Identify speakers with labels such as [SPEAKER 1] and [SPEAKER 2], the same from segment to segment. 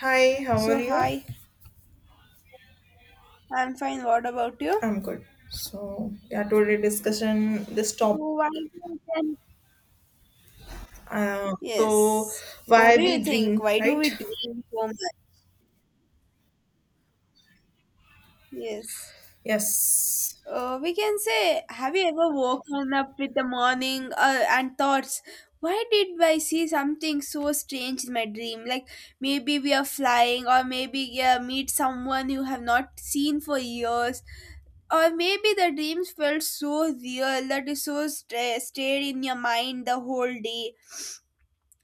[SPEAKER 1] Hi, how are
[SPEAKER 2] So,
[SPEAKER 1] you?
[SPEAKER 2] hi, I'm fine. What about you?
[SPEAKER 1] I'm good. So, yeah, today discussion this
[SPEAKER 2] So
[SPEAKER 1] topic.
[SPEAKER 2] why we can.
[SPEAKER 1] Uh, so,
[SPEAKER 2] Yes. What
[SPEAKER 1] why
[SPEAKER 2] do you
[SPEAKER 1] we
[SPEAKER 2] think?
[SPEAKER 1] dream,
[SPEAKER 2] Why do we
[SPEAKER 1] right?
[SPEAKER 2] dream so much? Yes.
[SPEAKER 1] Yes.
[SPEAKER 2] We can say, have you ever woken up with the morning and thoughts? Why did I see something so strange in my dream? Like maybe we are flying, or maybe yeah, meet someone you have not seen for years, or maybe the dreams felt so real that it so stayed in your mind the whole day.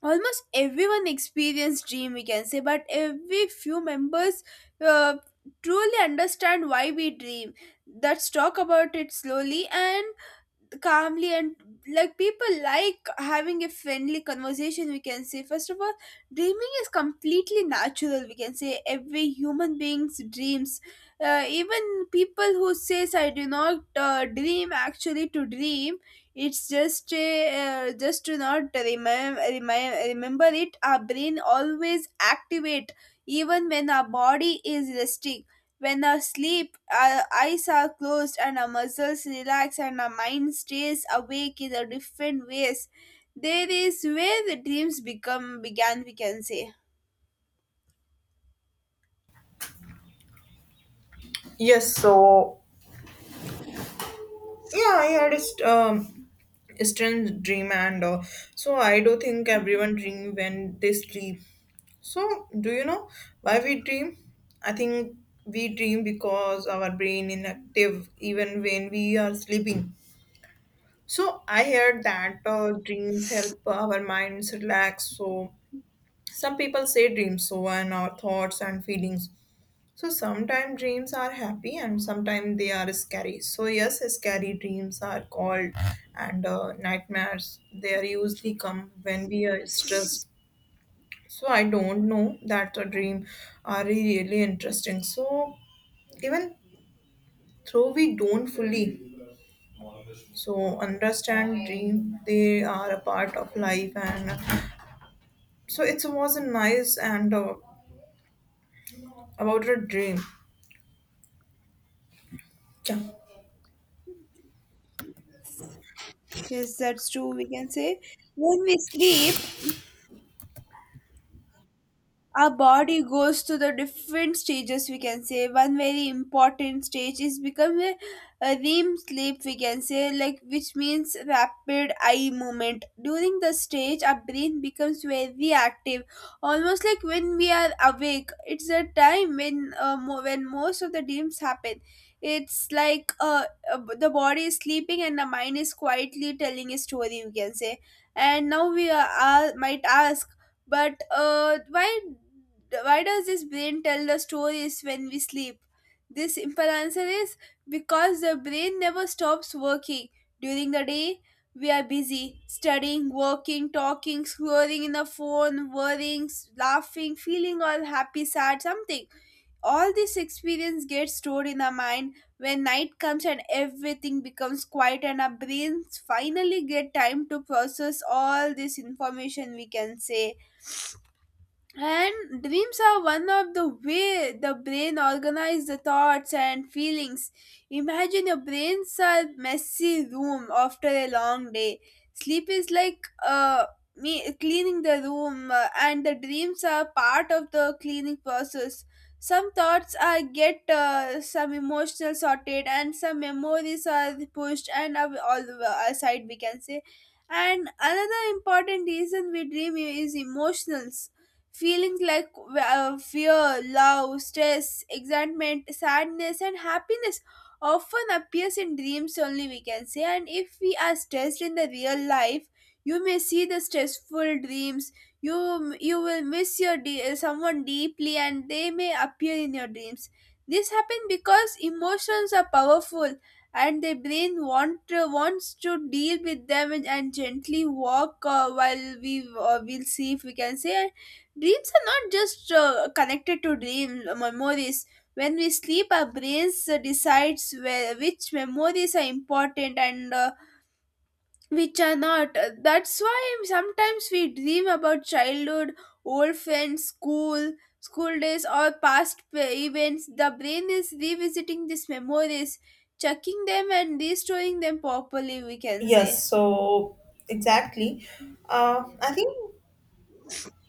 [SPEAKER 2] Almost everyone experienced dream we can say, but every few members uh, truly understand why we dream. Let's talk about it slowly and calmly and like people like having a friendly conversation, we can say. First of all, dreaming is completely natural, we can say. Every human beings dreams. Even people who says I do not dream actually to dream. It's just a, just to not Remember it, our brain always activate, even when our body is resting. When our sleep, our eyes are closed and our muscles relax and our mind stays awake in a different ways, there is where the dreams become began, we can say.
[SPEAKER 1] Yes. So, yeah, I had a a strange dream, and so I do think everyone dream when they sleep. So, do you know why we dream? I think we dream because our brain inactive even when we are sleeping. So I heard that dreams help our minds relax. So some people say dreams sober our thoughts and feelings. So sometimes dreams are happy and sometimes they are scary. So yes, scary dreams are called and nightmares. They are usually come when we are stressed. So I don't know that a dream are really interesting. So even though we don't fully so understand dream they are a part of life and so it wasn't nice and about her dream. Yeah.
[SPEAKER 2] Yes, that's true, we can say. When we sleep, our body goes to the different stages, we can say. One very important stage is become a REM sleep, we can say, like which means rapid eye movement. During the stage, our brain becomes very active, almost like when we are awake. It's a time when when most of the dreams happen. It's like the body is sleeping and the mind is quietly telling a story, we can say. And now we are might ask, but why does this brain tell the stories when we sleep? This simple answer is because the brain never stops working. During the day, we are busy studying, working, talking, scrolling in the phone, worrying, laughing, feeling all happy, sad, something. All this experience gets stored in our mind. When night comes and everything becomes quiet, and our brains finally get time to process all this information, we can say, and dreams are one of the way the brain organizes the thoughts and feelings. Imagine your brains are messy room after a long day. Sleep is like me cleaning the room, and the dreams are part of the cleaning process. Some thoughts are get, some emotional sorted, and some memories are pushed and are all aside, we can say. And another important reason we dream is emotionals. Feelings like fear, love, stress, excitement, sadness, and happiness often appears in dreams only, we can say. And if we are stressed in the real life, you may see the stressful dreams. You will miss your someone deeply and they may appear in your dreams. This happens because emotions are powerful and the brain wants to deal with them, and gently walk while we will see, if we can say. Dreams are not just connected to dream memories. When we sleep, our brains decides where, which memories are important and which are not. That's why sometimes we dream about childhood, old friends, school days, or past events. The brain is revisiting these memories, checking them and restoring them properly, we can say.
[SPEAKER 1] Yes, so exactly. I think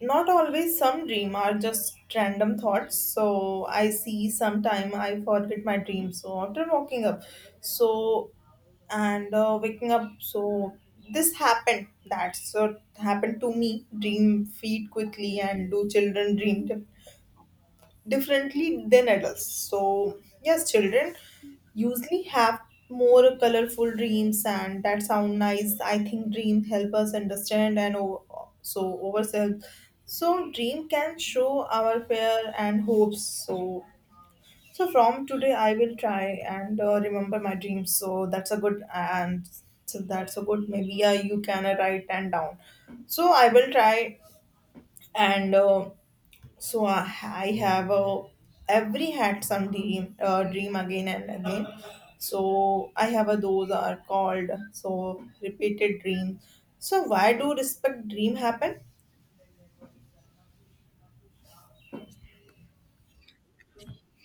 [SPEAKER 1] not always some dream are just random thoughts. So I see sometime I forget my dream. So after waking up, so and waking up, so this happened. That's what happened to me. Dream feed quickly and do children dream differently than adults. So, yes, children usually have more colorful dreams and that sound nice. I think dreams help us understand and ourselves. So, dream can show our fear and hopes. So, so from today I will try and remember my dreams. So that's a good and so that's a good maybe yeah, you can write and down. So I will try and. So I have a every had some dream again and again. So I have a those are called so repeated dreams. So why do respect dream happen?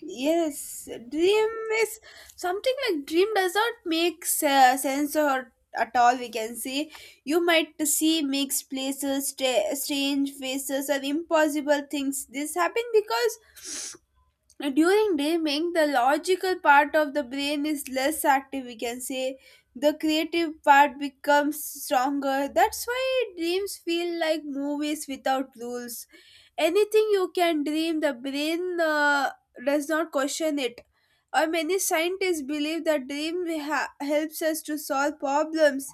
[SPEAKER 2] Yes, dream is something like dream does not make sense or at all, we can say. You might see mixed places, strange faces, or impossible things. This happen because during dreaming, the logical part of the brain is less active, we can say. The creative part becomes stronger. That's why dreams feel like movies without rules. Anything you can dream, the brain does not question it. Or many scientists believe that dream helps us to solve problems.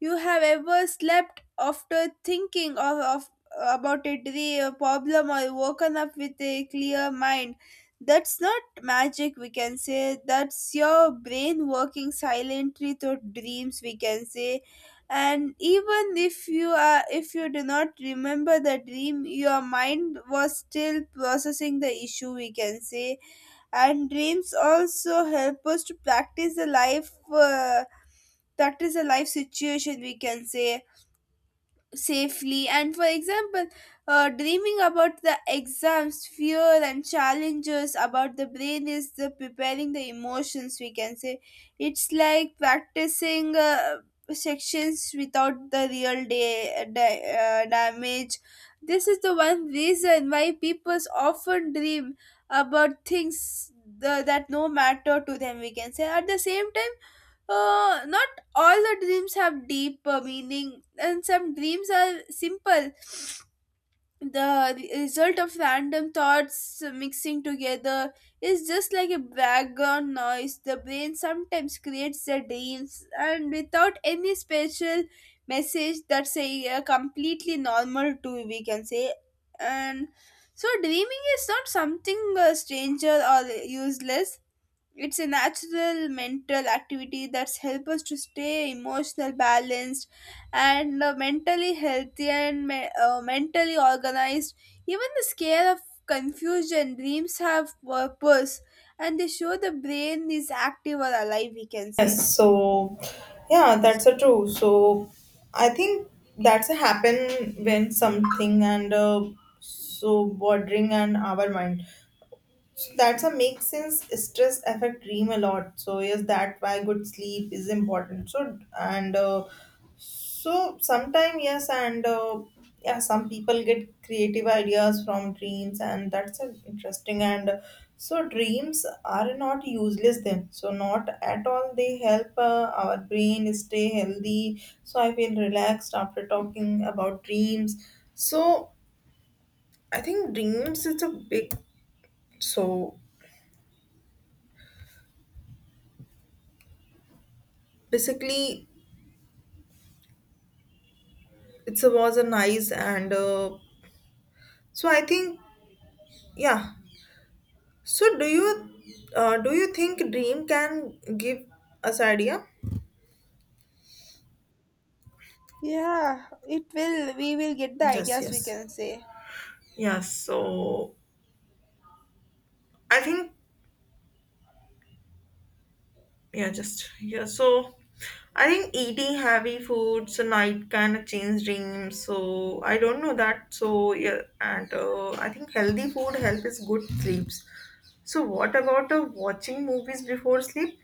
[SPEAKER 2] You have ever slept after thinking of about a dream, a problem, or woken up with a clear mind. That's not magic, we can say. That's your brain working silently through dreams, we can say. And even if you are, if you do not remember the dream, your mind was still processing the issue, we can say. And dreams also help us to practice the life, practice the life situation, we can say, safely. And for example, dreaming about the exams, fear, and challenges about the brain is the preparing the emotions, we can say. It's like practicing sections without the real day, damage. This is the one reason why people often dream about things that no matter to them, we can say. At the same time, not all the dreams have deep meaning, and some dreams are simple the result of random thoughts mixing together. Is just like a background noise the brain sometimes creates the dreams, and without any special message, that's completely normal too, we can say. And so dreaming is not something stranger or useless. It's a natural mental activity that's help us to stay emotional balanced and mentally healthy and mentally organized. Even the scare of confusion dreams have purpose, and they show the brain is active or alive, we can say.
[SPEAKER 1] Yes. So yeah, that's a true. So I think that's a happen when something and so bordering and our mind. So that's a make sense stress affect dream a lot. So yes, that why good sleep is important. So and so sometime yes, and yeah, some people get creative ideas from dreams, and that's an interesting. And so dreams are not useless then. So not at all. They help our brain stay healthy. So I feel relaxed after talking about dreams. So I think dreams is a big. So basically, it's a, was a nice and so I think yeah so do you think dream can give us idea?
[SPEAKER 2] Yeah, it will, we will get the
[SPEAKER 1] Yes,
[SPEAKER 2] ideas, we
[SPEAKER 1] yes.
[SPEAKER 2] can say.
[SPEAKER 1] Yeah, so I think yeah, just yeah, so I think eating heavy foods at night kind of change dreams. So I don't know that. So yeah, and I think healthy food helps is good sleeps. So what about watching movies before sleep?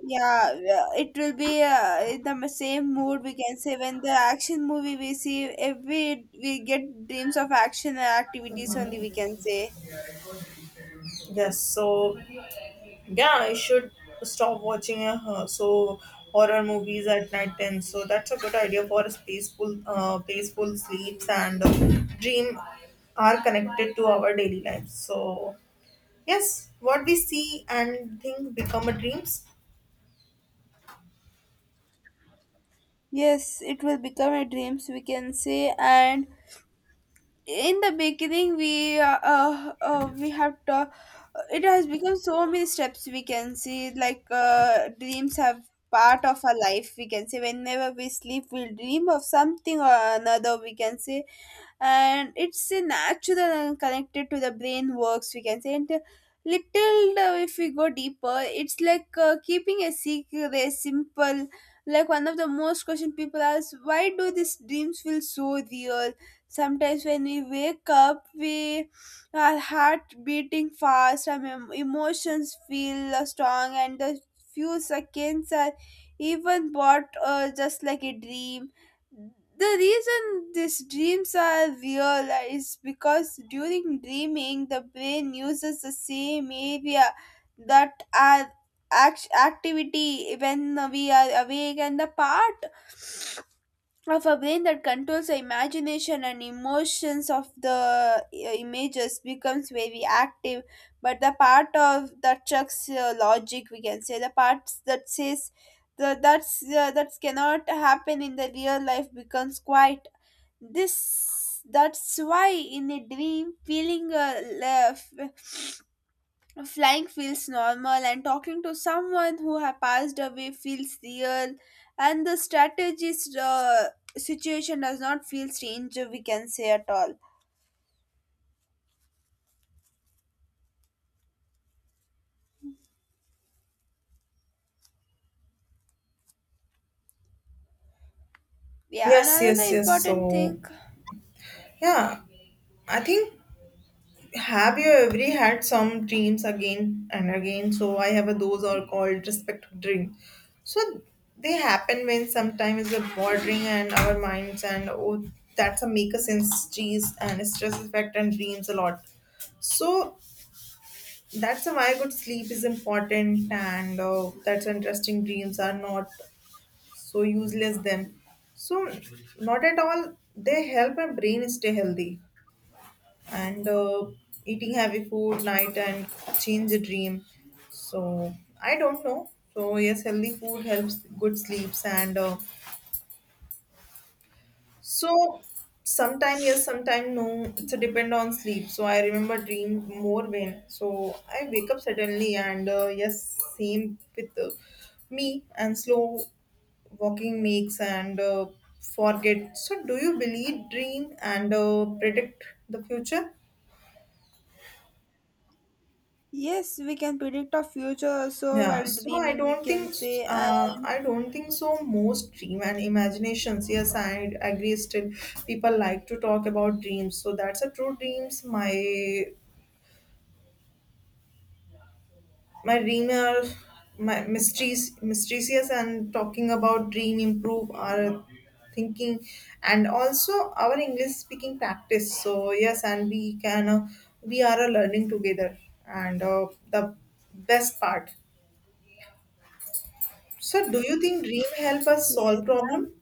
[SPEAKER 2] Yeah, yeah, it will be in the same mood, we can say. When the action movie we see, every we get dreams of action and activities only, we can say.
[SPEAKER 1] Yes, so yeah, I should stop watching so horror movies at night then. So that's a good idea for a peaceful sleeps and dream are connected to our daily lives. So yes, what we see and think become a dreams.
[SPEAKER 2] Yes, it will become a dreams, we can say. And in the beginning, we have to, it has become so many steps, we can see, like dreams have part of our life, we can say. Whenever we sleep, we'll dream of something or another, we can say, and it's a natural connected to the brain works, we can say. And little, if we go deeper, it's like keeping a secret simple, like one of the most question people ask, why do these dreams feel so real? Sometimes when we wake up, we, our heart beating fast, our emotions feel strong, and the few seconds are even bought, just like a dream. The reason these dreams are real is because during dreaming, the brain uses the same area that are activity when we are awake, and the part of a brain that controls the imagination and emotions of the images becomes very active. But the part of that checks logic, we can say, the parts that says the, that's that cannot happen in the real life, becomes quiet. This that's why in a dream feeling left. Flying feels normal, and talking to someone who has passed away feels real, and the strategist situation does not feel strange, we can say, at all. Yeah, and
[SPEAKER 1] Yes, yes,
[SPEAKER 2] another
[SPEAKER 1] yes. So
[SPEAKER 2] important thing,
[SPEAKER 1] yeah, I think have you ever had some dreams again and again? So I have a, those are called respective dream. So they happen when sometimes we're bordering and our minds and oh that's a make us sense cheese and stress effect and dreams a lot. So that's why good sleep is important and that's interesting dreams are not so useless then. So not at all they help our brain stay healthy and eating heavy food night and change the dream so I don't know so yes healthy food helps good sleeps and so sometime yes sometime no it's a depend on sleep so I remember dream more when so I wake up suddenly and yes same with me and slow walking makes and forget so do you believe dream and predict the future.
[SPEAKER 2] yes, we can predict our future also
[SPEAKER 1] Yeah,
[SPEAKER 2] while
[SPEAKER 1] so I
[SPEAKER 2] dreaming, we
[SPEAKER 1] don't
[SPEAKER 2] can
[SPEAKER 1] think
[SPEAKER 2] say. And
[SPEAKER 1] I don't think so. Most dream and imaginations. Yes, I agree. Still, people like to talk about dreams. So that's a true dreams. My dream are my mysteries, mysterious, and talking about dream improve our thinking, and also our English speaking practice. So yes, and we can we are learning together, and the best part. So, do you think dream help us
[SPEAKER 2] yes,
[SPEAKER 1] solve problem?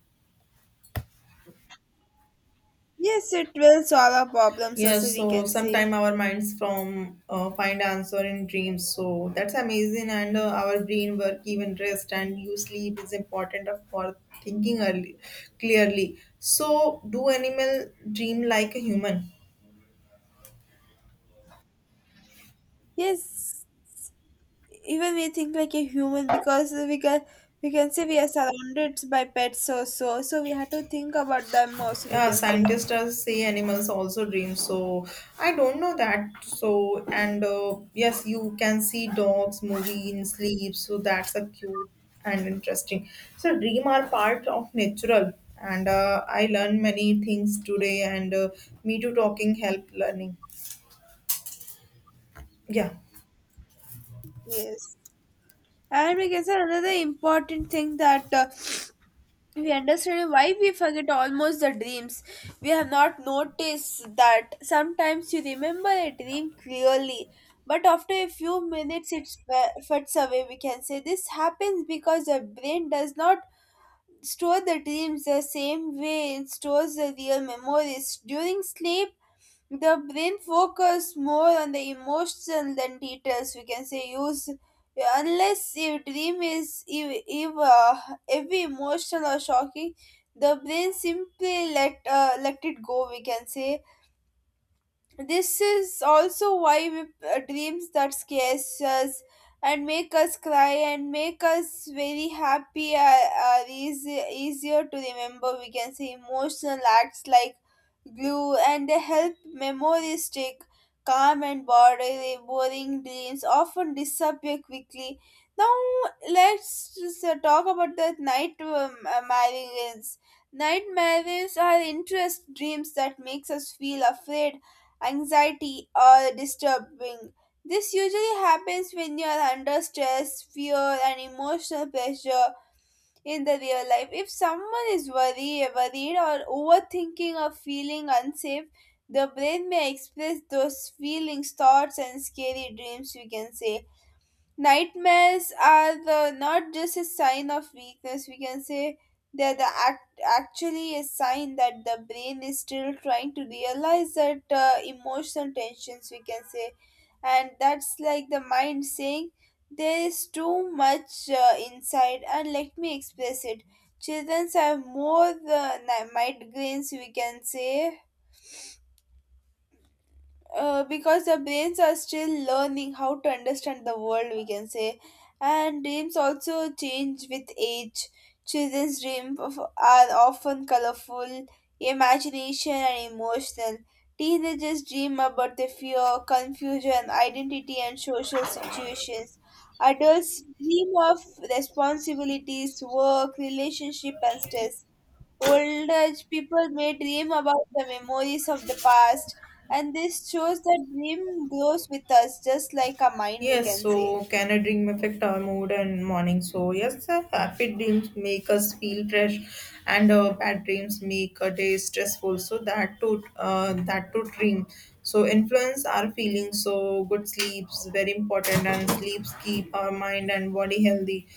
[SPEAKER 2] yes, it will solve our problems also,
[SPEAKER 1] Yes,
[SPEAKER 2] we
[SPEAKER 1] so
[SPEAKER 2] can say.
[SPEAKER 1] sometime our minds from find answer in dreams. So that's amazing, and our brain work even rest and you sleep is important for thinking early, clearly. So do animal dream like a human?
[SPEAKER 2] Yes, even we think like a human because we can, we can say, we are surrounded by pets also, so we have to think about them also, we
[SPEAKER 1] Yeah,
[SPEAKER 2] can say.
[SPEAKER 1] scientists does say animals also dream. So I don't know that. So and yes, you can see dogs movie in sleep. So that's a cute and interesting. So dream are part of natural, and I learned many things today. And me too talking help learning. Yeah.
[SPEAKER 2] Yes, and we can say another important thing that we understand why we forget almost the dreams. We have not noticed that sometimes you remember a dream clearly, but after a few minutes it fades away, we can say. This happens because the brain does not store the dreams the same way it stores the real memories. During sleep, the brain focuses more on the emotions than details, we can say. Use, unless your dream is if every emotional or shocking, the brain simply let it go, we can say. This is also why dreams that scares us and make us cry and make us very happy are easier to remember, we can say. Emotional acts like glue, and they help memories stick. Calm and boring dreams often disappear quickly. Now let's just, talk about the night marines. Nightmares are interest dreams that makes us feel afraid, anxiety, or disturbing. This usually happens when you are under stress, fear, and emotional pressure in the real life. If someone is worried or overthinking or feeling unsafe, the brain may express those feelings, thoughts, and scary dreams, we can say. Nightmares are the not just a sign of weakness, we can say. They're the actually a sign that the brain is still trying to realize that emotional tensions, we can say. And that's like the mind saying there is too much inside, and let me express it. Children have more migraines. We can say because the brains are still learning how to understand the world, we can say. And dreams also change with age. Children's are often colorful imagination and emotional. Teenagers dream about the fear, confusion, identity and social situations. Adults dream of responsibilities, work, relationship and stress. Old age people may dream about the memories of the past, and this shows that dream grows with us, just like a mind, we
[SPEAKER 1] Yes,
[SPEAKER 2] can say.
[SPEAKER 1] so can a dream affect our mood and morning? So yes, sir, happy dreams make us feel fresh, and bad dreams make a day stressful. So that to that to dream, so influence our feelings. So good sleeps very important, and sleeps keep our mind and body healthy.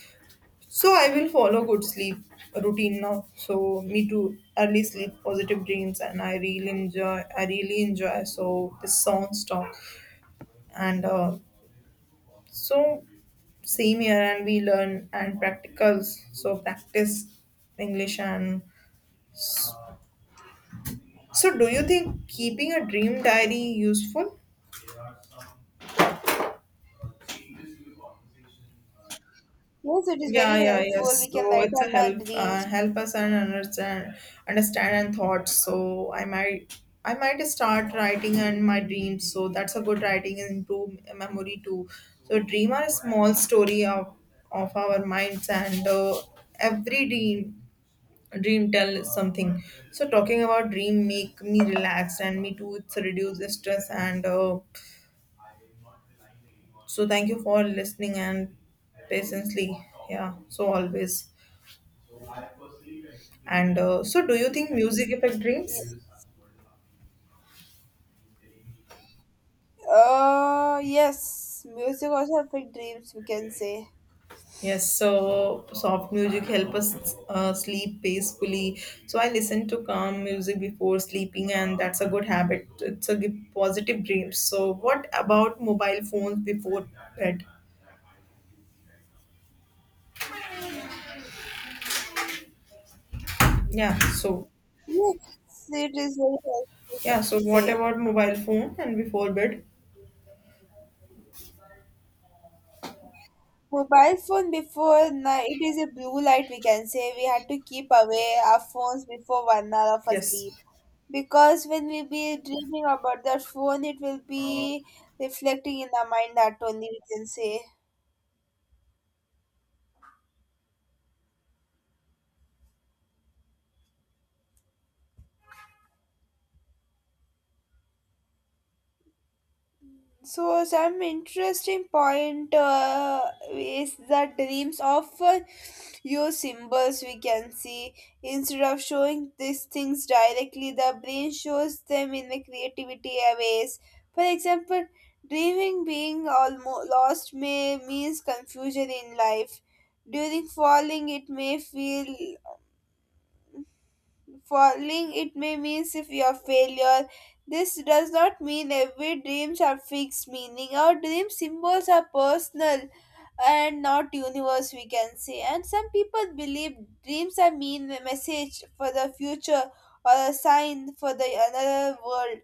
[SPEAKER 1] So I will follow good sleep routine now. So me too. Early sleep, positive dreams, and I really enjoy. I really enjoy. So this song talk and so same here and we learn and practicals. So practice English and so do you think keeping a dream diary useful?
[SPEAKER 2] Yes, it is very
[SPEAKER 1] Yeah, yeah,
[SPEAKER 2] helpful. We
[SPEAKER 1] yes.
[SPEAKER 2] can
[SPEAKER 1] So
[SPEAKER 2] write
[SPEAKER 1] it's a
[SPEAKER 2] down our
[SPEAKER 1] help
[SPEAKER 2] dreams.
[SPEAKER 1] help us and understand understand and thoughts. So I might start writing and my dreams. So that's a good writing into memory too. So dream are a small story of our minds and every dream tell something so talking about dream make me relaxed and me too it's reduce the stress and so thank you for listening and patiently yeah so always and so do you think music affect dreams
[SPEAKER 2] Ye- yes, music also affect dreams, we can say.
[SPEAKER 1] yes so soft music help us sleep peacefully so I listen to calm music before sleeping and that's a good habit it's a give positive dreams so what about mobile phones before bed yeah so
[SPEAKER 2] Yes, it is very helpful, we
[SPEAKER 1] yeah, so
[SPEAKER 2] can
[SPEAKER 1] what
[SPEAKER 2] say.
[SPEAKER 1] about mobile phone and before bed?
[SPEAKER 2] Mobile phone before night, it is a blue light, we can say. We had to keep away our phones before 1 hour of our
[SPEAKER 1] Yes.
[SPEAKER 2] sleep. Because when we be dreaming about that phone, it will be reflecting in our mind that only, we can say. So some interesting point, is the dreams often use symbols, we can see. Instead of showing these things directly, the brain shows them in the creativity ways. For example, dreaming being almost lost may means confusion in life. During falling, it may feel. Falling, it may mean if you are failure. This does not mean every dreams are fixed meaning. Our dream symbols are personal and not universe, we can say. And some people believe dreams are mean message for the future or a sign for the another world.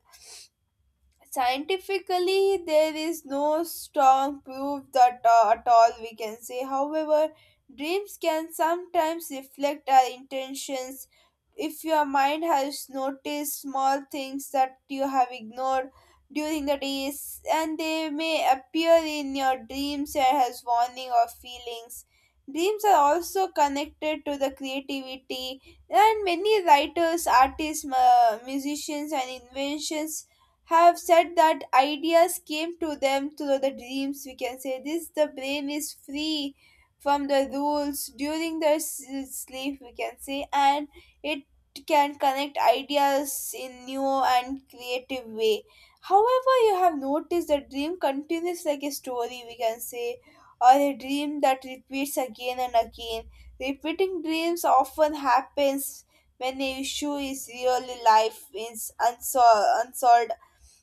[SPEAKER 2] Scientifically there is no strong proof that at all, we can say. However, dreams can sometimes reflect our intentions. If your mind has noticed small things that you have ignored during the days, and they may appear in your dreams as warning or feelings. Dreams are also connected to the creativity, and many writers, artists, musicians and inventions have said that ideas came to them through the dreams, we can say. This the brain is free from the rules during sleep, we can say, and it can connect ideas in new and creative way. However, you have noticed the dream continues like a story, we can say, or a dream that repeats again and again. Repeating dreams often happens when a issue is really life is unsolved,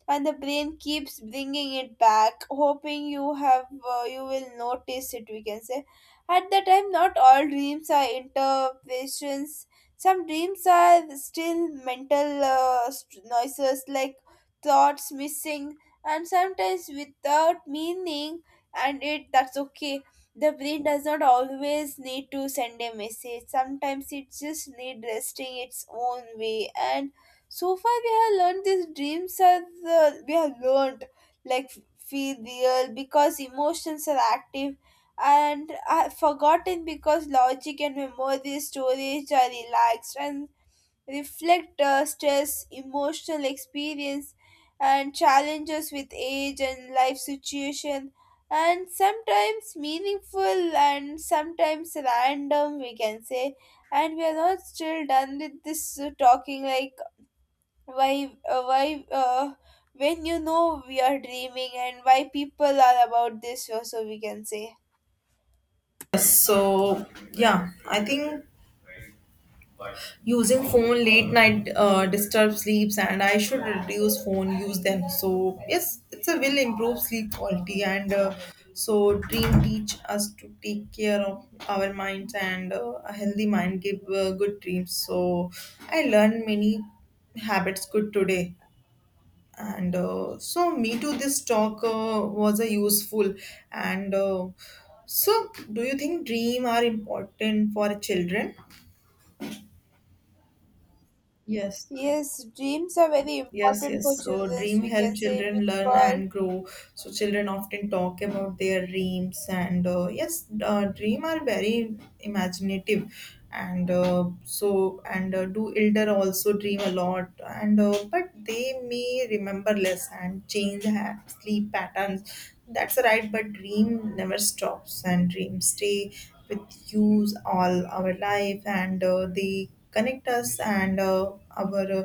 [SPEAKER 2] and the brain keeps bringing it back hoping you have, you will notice it, we can say. At the time not all dreams are interpretations. Some dreams are still mental noises like thoughts missing, and sometimes without meaning, and it that's okay. The brain does not always need to send a message. Sometimes it just need resting its own way. And so far we have learned these we have learned like feel real because emotions are active, and are forgotten because logic and memory storage are relaxed, and reflect stress, emotional experience and challenges with age and life situation, and sometimes meaningful and sometimes random, we can say. And we are not still done with this talking, like why when you know we are dreaming, and why people are about this so so, we can say.
[SPEAKER 1] Yes, so yeah, I think using phone late night disturbs sleeps and I should reduce phone use then. So yes, it's a will improve sleep quality and so dream teach us to take care of our minds and a healthy mind give good dreams. So I learned many habits good today and so me too this talk was a useful and so do you think dream are important for children? Yes,
[SPEAKER 2] Yes, dreams are very
[SPEAKER 1] yes,
[SPEAKER 2] important for
[SPEAKER 1] yes. So,
[SPEAKER 2] children,
[SPEAKER 1] dream
[SPEAKER 2] we
[SPEAKER 1] help
[SPEAKER 2] can say,
[SPEAKER 1] children learn
[SPEAKER 2] because
[SPEAKER 1] and grow. So, children often talk about their dreams, and yes, dream are very imaginative, and so and do elder also dream a lot, and but they may remember less and change sleep patterns. That's right, but dream never stops, and dreams stay with use all our life and they connect us and our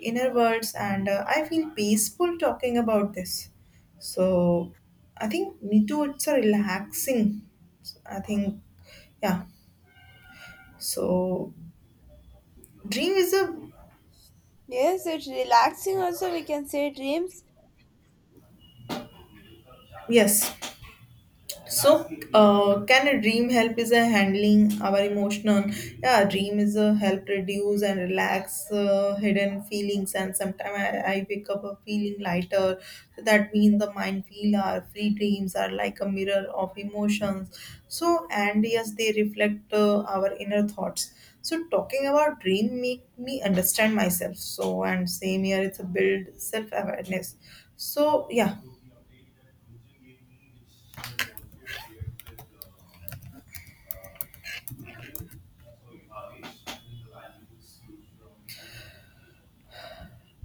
[SPEAKER 1] inner words and I feel peaceful talking about this so I think me too it's a relaxing. So, I think yeah so dream is a
[SPEAKER 2] yes, it's relaxing also, we can say. Dreams,
[SPEAKER 1] yes. So, can a dream help is a handling our emotional? Yeah, dream is a help reduce and relax hidden feelings. And sometimes I wake up a feeling lighter. So that means the mind feel our free dreams are like a mirror of emotions. So, and yes, they reflect our inner thoughts. So, talking about dream make me understand myself. So, and same here, it's a build self awareness. So, yeah.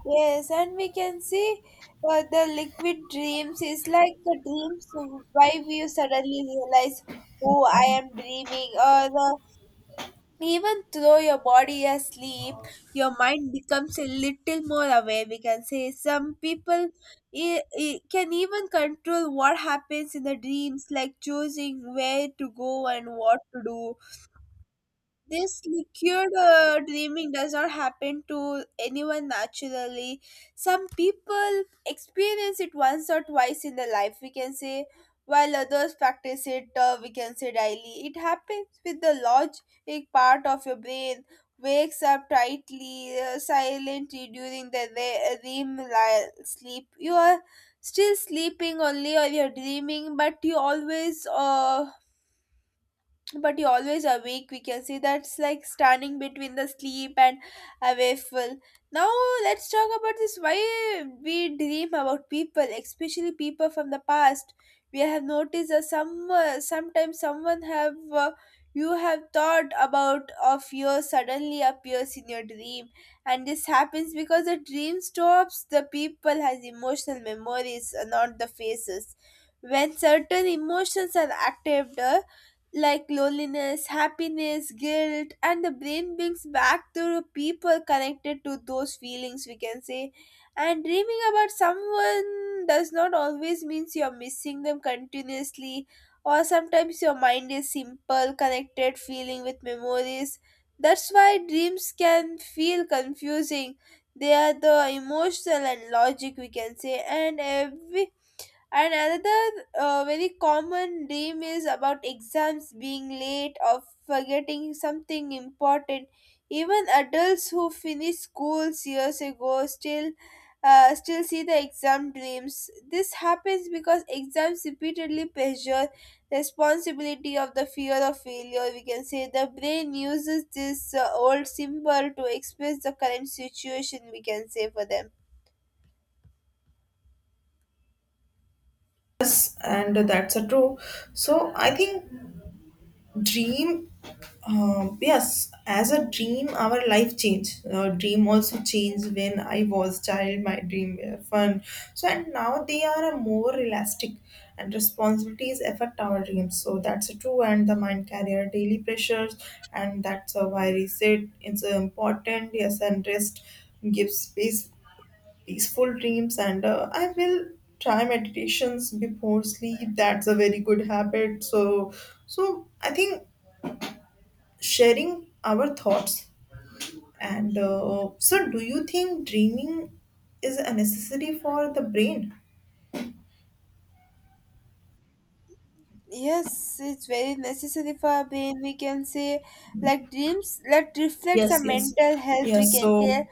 [SPEAKER 2] yes, and we can see, the liquid dreams is like the dreams why we suddenly realize, oh, I am dreaming, or the. Even though your body is asleep, your mind becomes a little more aware. We can say some people can even control what happens in the dreams, like choosing where to go and what to do. This liquid dreaming does not happen to anyone naturally. Some people experience it once or twice in their life, we can say, while others practice it, we can say daily. It happens with the logic part of your brain wakes up tightly, silently, during the sleep. You are still sleeping only, or you're dreaming, but you always awake, we can say. That's like standing between the sleep and awakeful. Now let's talk about this, why we dream about people, especially people from the past. We have noticed that some, sometimes someone have, you have thought about of yours suddenly appears in your dream. And this happens because the dream stops the people has emotional memories, not the faces. When certain emotions are active, like loneliness, happiness, guilt, and the brain brings back to the people connected to those feelings, we can say. And dreaming about someone does not always means you're missing them continuously, or sometimes your mind is simple, connected feeling with memories. That's why dreams can feel confusing. They are the emotional and logic, we can say, and every and another very common dream is about exams being late or forgetting something important. Even adults who finished schools years ago still, still see the exam dreams. This happens because exams repeatedly pressure responsibility of the fear of failure. We can say the brain uses this old symbol to express the current situation, we can say for them.
[SPEAKER 1] Yes, and that's a true. So I think dream, yes, as a dream, our life changed. Dream also changed when I was child. My dream were fun. So and now they are a more realistic, and responsibilities affect our dreams. So that's a true. And the mind carrier daily pressures, and that's why reset is important. Yes, and rest gives space peaceful dreams and I will try meditations before sleep that's a very good habit so so I think sharing our thoughts and so do you think dreaming is a necessary for the brain
[SPEAKER 2] Yes, it's very necessary for our brain, we can say, like dreams, that reflects our
[SPEAKER 1] yes yes
[SPEAKER 2] mental health. We
[SPEAKER 1] yes
[SPEAKER 2] can
[SPEAKER 1] so
[SPEAKER 2] feel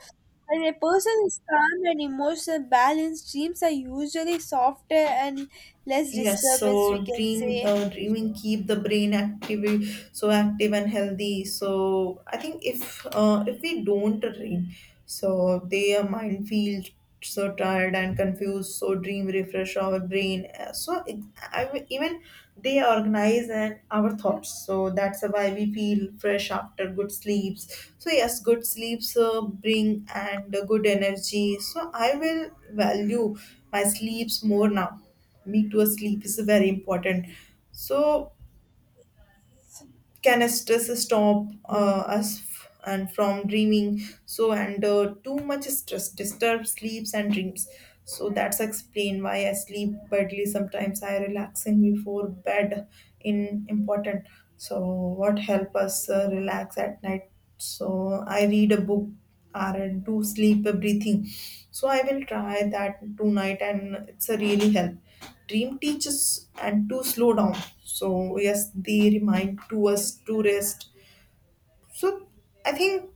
[SPEAKER 2] when a person is calm and emotional balanced, dreams are usually softer and less
[SPEAKER 1] yes,
[SPEAKER 2] disturbance, we
[SPEAKER 1] so
[SPEAKER 2] can
[SPEAKER 1] dream,
[SPEAKER 2] say.
[SPEAKER 1] dreaming keep the brain active, so active and healthy. So I think if we don't dream, so their mind feels so tired and confused. So dream refresh our brain. So it, even they organize and our thoughts. So that's why we feel fresh after good sleeps. So yes, good sleeps bring and good energy. So I will value my sleeps more now me too sleep is very important so can stress stop and from dreaming so and too much stress disturbs sleeps and dreams so that's explain why I sleep badly sometimes I relaxing before bed in important so what help us relax at night so I read a book or do sleep breathing so I will try that tonight and it's a really help dream teaches and to slow down so yes they remind to us to rest so I think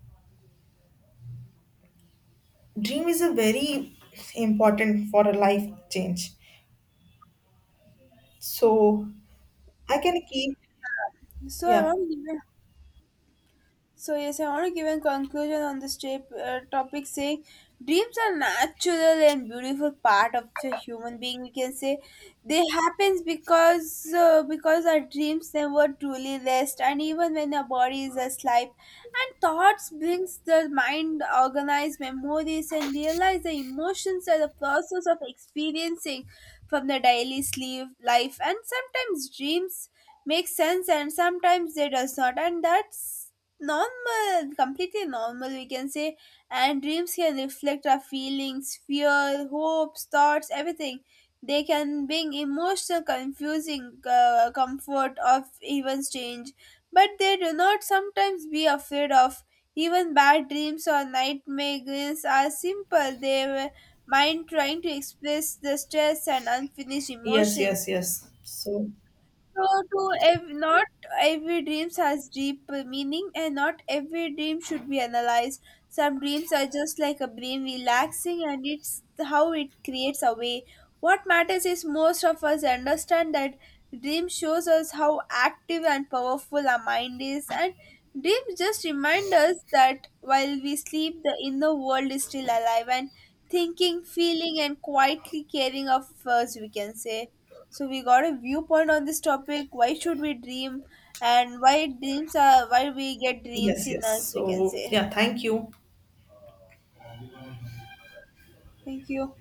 [SPEAKER 1] dream is a very important for a life change so I can keep
[SPEAKER 2] So I
[SPEAKER 1] yeah
[SPEAKER 2] want to give you. So yes, I want to give a conclusion on this tape, topic, saying dreams are natural and beautiful part of the human being, we can say. They happens because our dreams never truly rest, and even when our body is asleep, and thoughts brings the mind organize memories and realize the emotions are the process of experiencing from the daily sleep life. And sometimes dreams make sense and sometimes they does not, and that's normal, completely normal, we can say. And dreams can reflect our feelings, fear, hopes, thoughts, everything. They can bring emotional confusing, comfort of even change, but they do not sometimes be afraid of. Even bad dreams or nightmares are simple, they were mind trying to express the stress and unfinished
[SPEAKER 1] yes yes
[SPEAKER 2] emotions.
[SPEAKER 1] yes so
[SPEAKER 2] So, not every dreams has deep meaning, and not every dream should be analyzed. Some dreams are just like a brain relaxing, and it's how it creates a way. What matters is most of us understand that dream shows us how active and powerful our mind is, and dreams just remind us that while we sleep, the inner world is still alive and thinking, feeling, and quietly caring of us, we can say. So we got a viewpoint on this topic. Why should we dream, and why dreams are why we get dreams
[SPEAKER 1] yes
[SPEAKER 2] in
[SPEAKER 1] yes
[SPEAKER 2] us? We can
[SPEAKER 1] so
[SPEAKER 2] say.
[SPEAKER 1] yeah thank you.
[SPEAKER 2] Thank you.